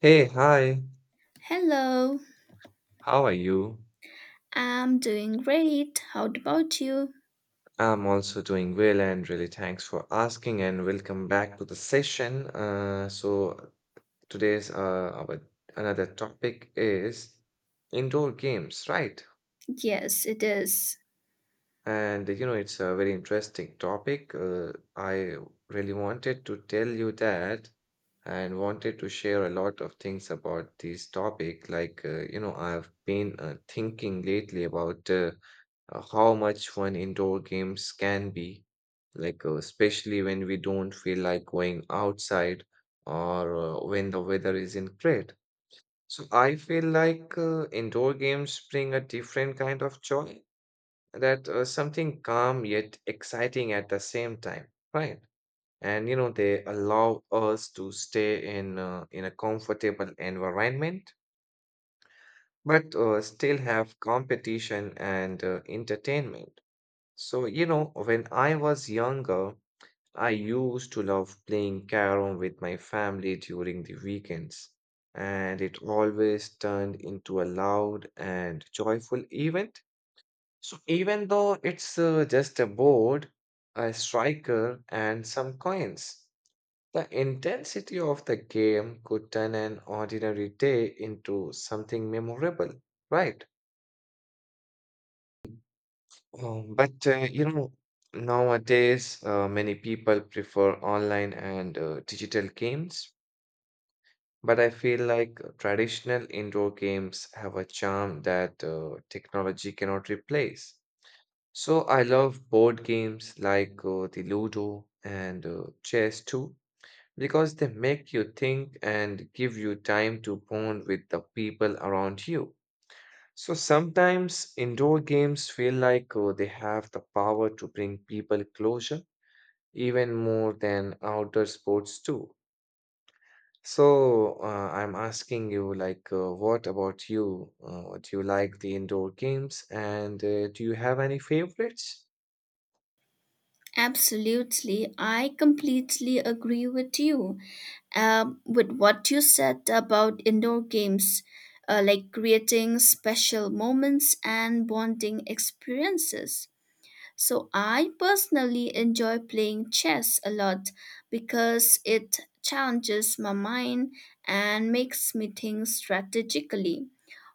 Hey, hi, Hello, how are you? I'm doing great. How about you? I'm also doing well and really thanks for asking and welcome back to the session. So today's our another topic is indoor games, right? Yes, it is. And you know, it's a very interesting topic. I really wanted to tell you that and wanted to share a lot of things about this topic. Like, you know, I've been thinking lately about how much fun indoor games can be, like, especially when we don't feel like going outside or when the weather isn't great. So I feel like indoor games bring a different kind of joy that something calm yet exciting at the same time, right. And you know, they allow us to stay in a comfortable environment, but still have competition and entertainment. So you know, when I was younger, I used to love playing carom with my family during the weekends, and it always turned into a loud and joyful event. So even though it's just a board, a striker, and some coins, the intensity of the game could turn an ordinary day into something memorable, right? But you know, nowadays many people prefer online and digital games. But I feel like traditional indoor games have a charm that technology cannot replace. So I love board games like the Ludo and chess too, because they make you think and give you time to bond with the people around you. So sometimes indoor games feel like they have the power to bring people closer, even more than outdoor sports do. So, I'm asking you, like, what about you? Do you like the indoor games and do you have any favorites? Absolutely, I completely agree with you. With what you said about indoor games, like creating special moments and bonding experiences. So I personally enjoy playing chess a lot because it challenges my mind and makes me think strategically,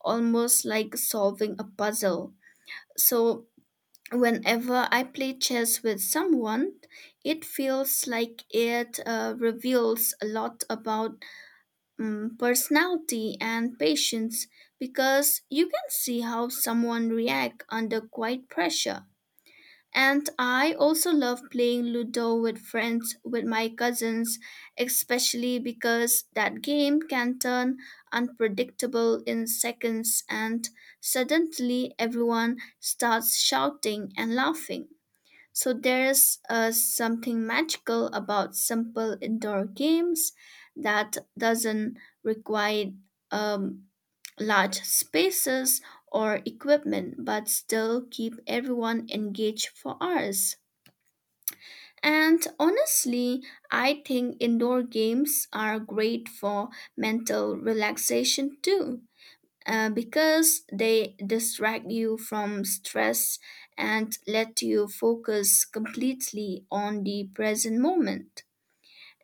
almost like solving a puzzle. So whenever I play chess with someone, it feels like it reveals a lot about personality and patience, because you can see how someone reacts under quite pressure. And I also love playing Ludo with friends, with my cousins, especially because that game can turn unpredictable in seconds and suddenly everyone starts shouting and laughing. So there's something magical about simple indoor games that doesn't require um, large spaces or equipment but still keep everyone engaged for hours. And honestly, I think indoor games are great for mental relaxation too, because they distract you from stress and let you focus completely on the present moment.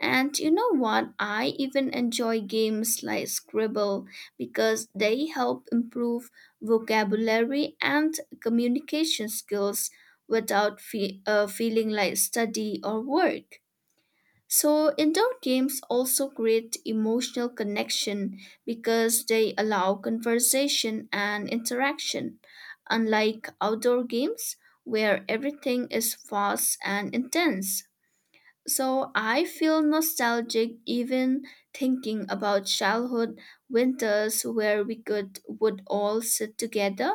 And you know what? I even enjoy games like Scribble because they help improve vocabulary and communication skills without feeling like study or work. So indoor games also create emotional connection because they allow conversation and interaction, unlike outdoor games where everything is fast and intense. So I feel nostalgic even thinking about childhood winters where we could would all sit together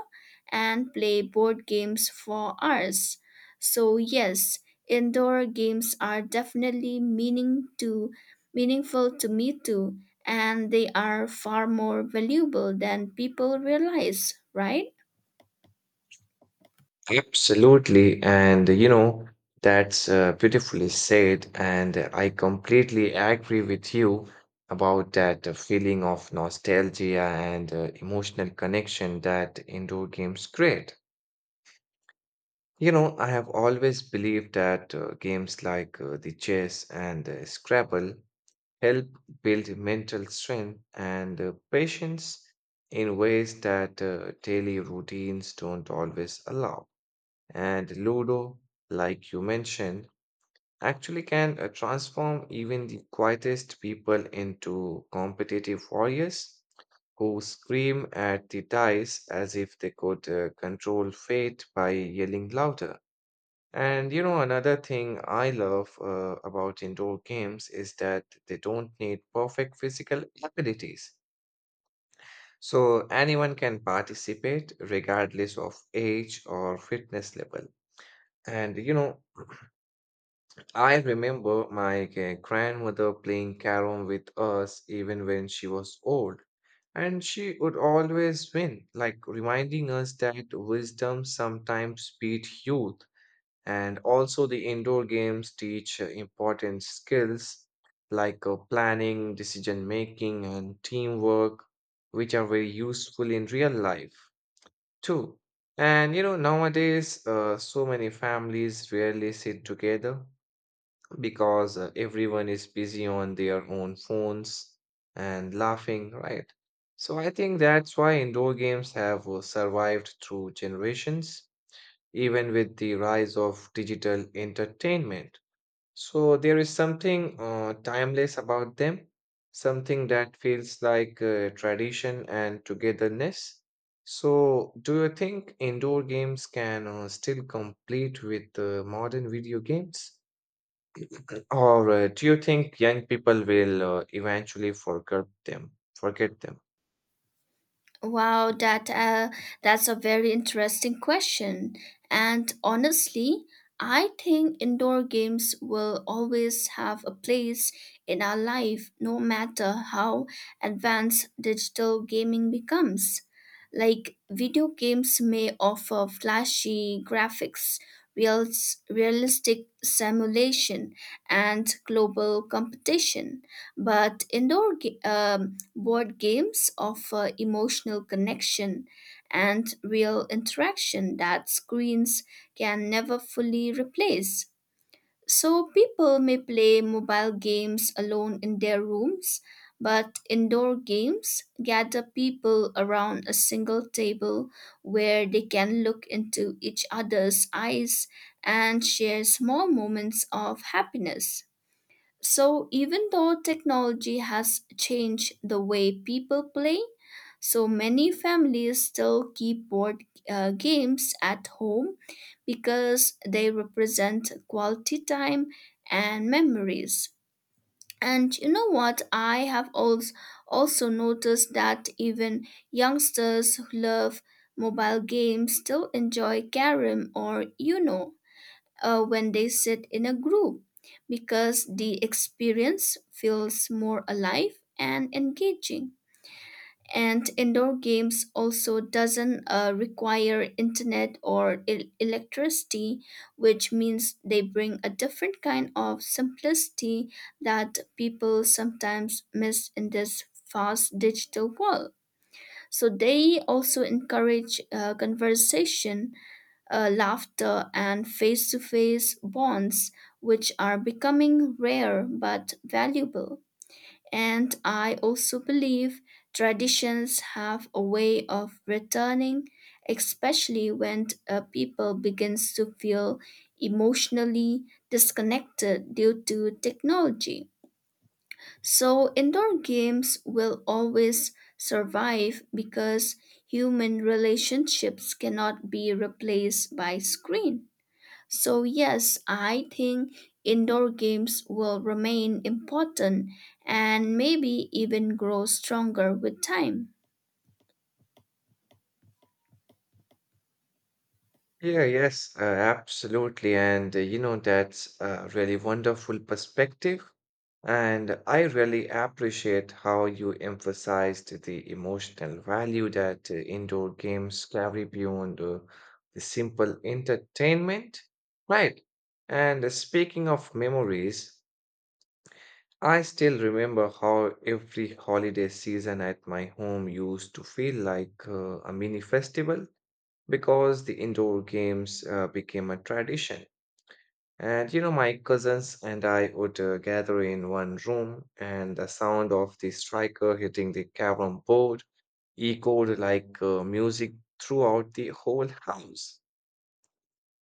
and play board games for hours. So yes, indoor games are definitely meaningful to me too, and they are far more valuable than people realize, right? Absolutely. And you know, that's beautifully said. And I completely agree with you about that feeling of nostalgia and emotional connection that indoor games create. You know, I have always believed that games like the chess and Scrabble help build mental strength and patience in ways that daily routines don't always allow. And Ludo, like you mentioned, actually can transform even the quietest people into competitive warriors who scream at the dice as if they could control fate by yelling louder. And you know, another thing I love about indoor games is that they don't need perfect physical abilities. So anyone can participate regardless of age or fitness level. And you know, I remember my grandmother playing carom with us even when she was old, and she would always win, like reminding us that wisdom sometimes beat youth. And also, the indoor games teach important skills like planning, decision making, and teamwork, which are very useful in real life too. And you know, nowadays, so many families rarely sit together because everyone is busy on their own phones and laughing, right? So I think that's why indoor games have survived through generations, even with the rise of digital entertainment. So there is something timeless about them, something that feels like tradition and togetherness. So, do you think indoor games can still compete with modern video games? All right. Do you think young people will eventually forget them? Forget them? Wow, that's a very interesting question. And honestly, I think indoor games will always have a place in our life, no matter how advanced digital gaming becomes. Like, video games may offer flashy graphics, real realistic simulation, and global competition, but board games offer emotional connection and real interaction that screens can never fully replace. So people may play mobile games alone in their rooms, but indoor games gather people around a single table where they can look into each other's eyes and share small moments of happiness. So even though technology has changed the way people play, so many families still keep board games at home because they represent quality time and memories. And you know what? I have also noticed that even youngsters who love mobile games still enjoy carom or Uno when they sit in a group because the experience feels more alive and engaging. And indoor games also doesn't require internet or electricity, which means they bring a different kind of simplicity that people sometimes miss in this fast digital world. So they also encourage conversation, laughter, and face to face bonds, which are becoming rare but valuable. And I also believe traditions have a way of returning, especially when people begins to feel emotionally disconnected due to technology. So indoor games will always survive because human relationships cannot be replaced by screen. So yes, I think indoor games will remain important and maybe even grow stronger with time. Yeah, yes, absolutely. And you know, that's a really wonderful perspective. And I really appreciate how you emphasized the emotional value that indoor games carry beyond the simple entertainment. Right. And speaking of memories, I still remember how every holiday season at my home used to feel like a mini festival because the indoor games became a tradition. And you know, my cousins and I would gather in one room, and the sound of the striker hitting the carom board echoed like music throughout the whole house.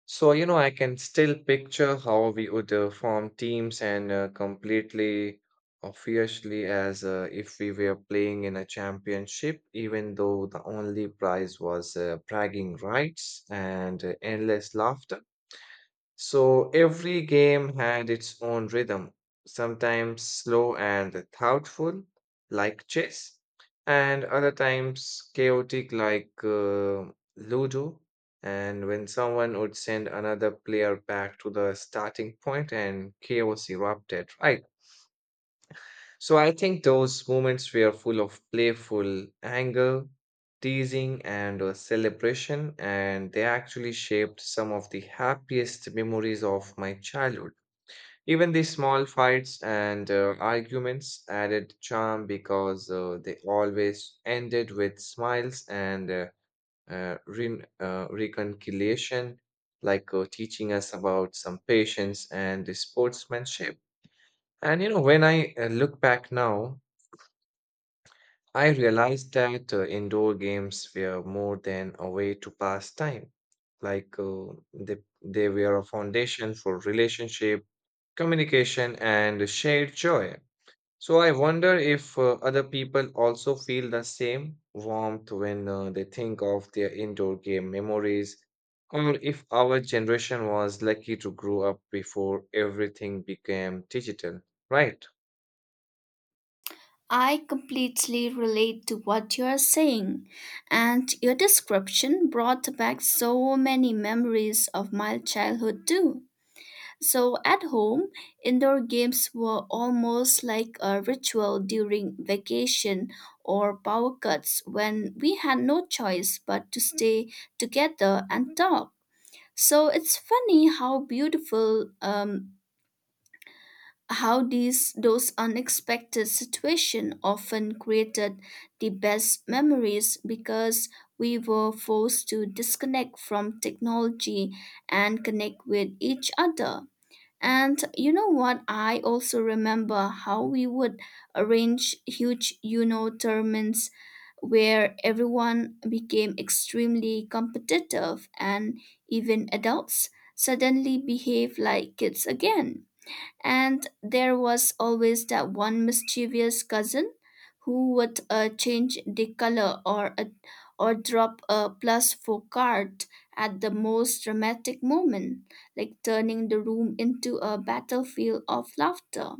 So, you know, I can still picture how we would form teams and completely or fiercely as if we were playing in a championship, even though the only prize was bragging rights and endless laughter. So every game had its own rhythm, sometimes slow and thoughtful, like chess, and other times chaotic, like Ludo. And when someone would send another player back to the starting point and chaos erupted, right? So I think those moments were full of playful anger, teasing, and celebration, and they actually shaped some of the happiest memories of my childhood. Even the small fights and arguments added charm because they always ended with smiles and reconciliation, like teaching us about some patience and sportsmanship. And you know, when I look back now, I realized that indoor games were more than a way to pass time. Like they, they were a foundation for relationship, communication, and shared joy. So I wonder if other people also feel the same warmth when they think of their indoor game memories, or if our generation was lucky to grow up before everything became digital, right? I completely relate to what you are saying, and your description brought back so many memories of my childhood, too. So at home, indoor games were almost like a ritual during vacation or power cuts when we had no choice but to stay together and talk. So it's funny how these those unexpected situations often created the best memories, because we were forced to disconnect from technology and connect with each other. And you know what? I also remember how we would arrange huge, you know, tournaments where everyone became extremely competitive and even adults suddenly behave like kids again. And there was always that one mischievous cousin who would change the color, or drop a plus four card at the most dramatic moment, like turning the room into a battlefield of laughter.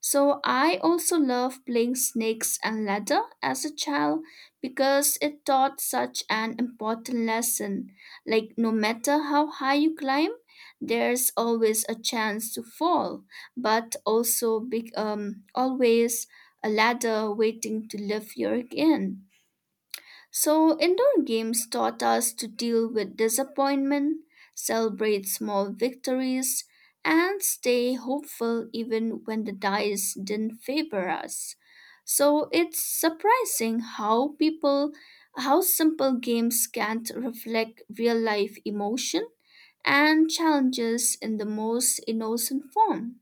So I also love playing snakes and ladder as a child because it taught such an important lesson. Like, no matter how high you climb, there's always a chance to fall, but also big always a ladder waiting to lift you again. So indoor games taught us to deal with disappointment, celebrate small victories, and stay hopeful even when the dice didn't favor us. So it's surprising how simple games can't reflect real life emotion and challenges in the most innocent form.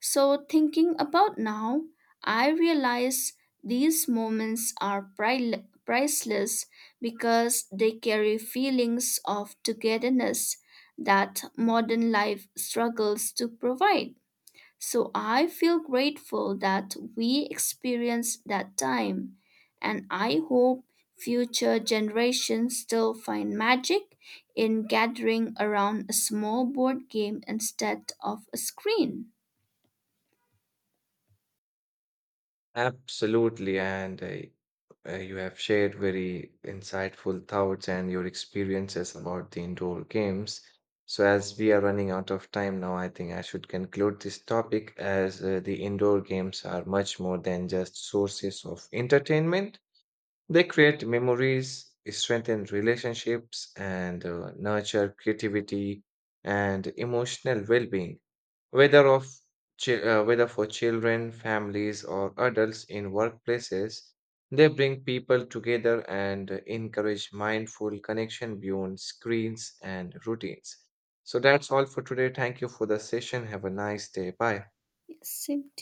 So thinking about now, I realize these moments are priceless because they carry feelings of togetherness that modern life struggles to provide. So I feel grateful that we experienced that time, and I hope future generations still find magic in gathering around a small board game instead of a screen. Absolutely. And you have shared very insightful thoughts and your experiences about the indoor games. So, as we are running out of time now, I think I should conclude this topic as the indoor games are much more than just sources of entertainment. They create memories, strengthen relationships, and nurture creativity and emotional well being whether of whether for children, families, or adults in workplaces, they bring people together and encourage mindful connection beyond screens and routines. So that's all for today. Thank you for the session. Have a nice day. Bye. Yes, same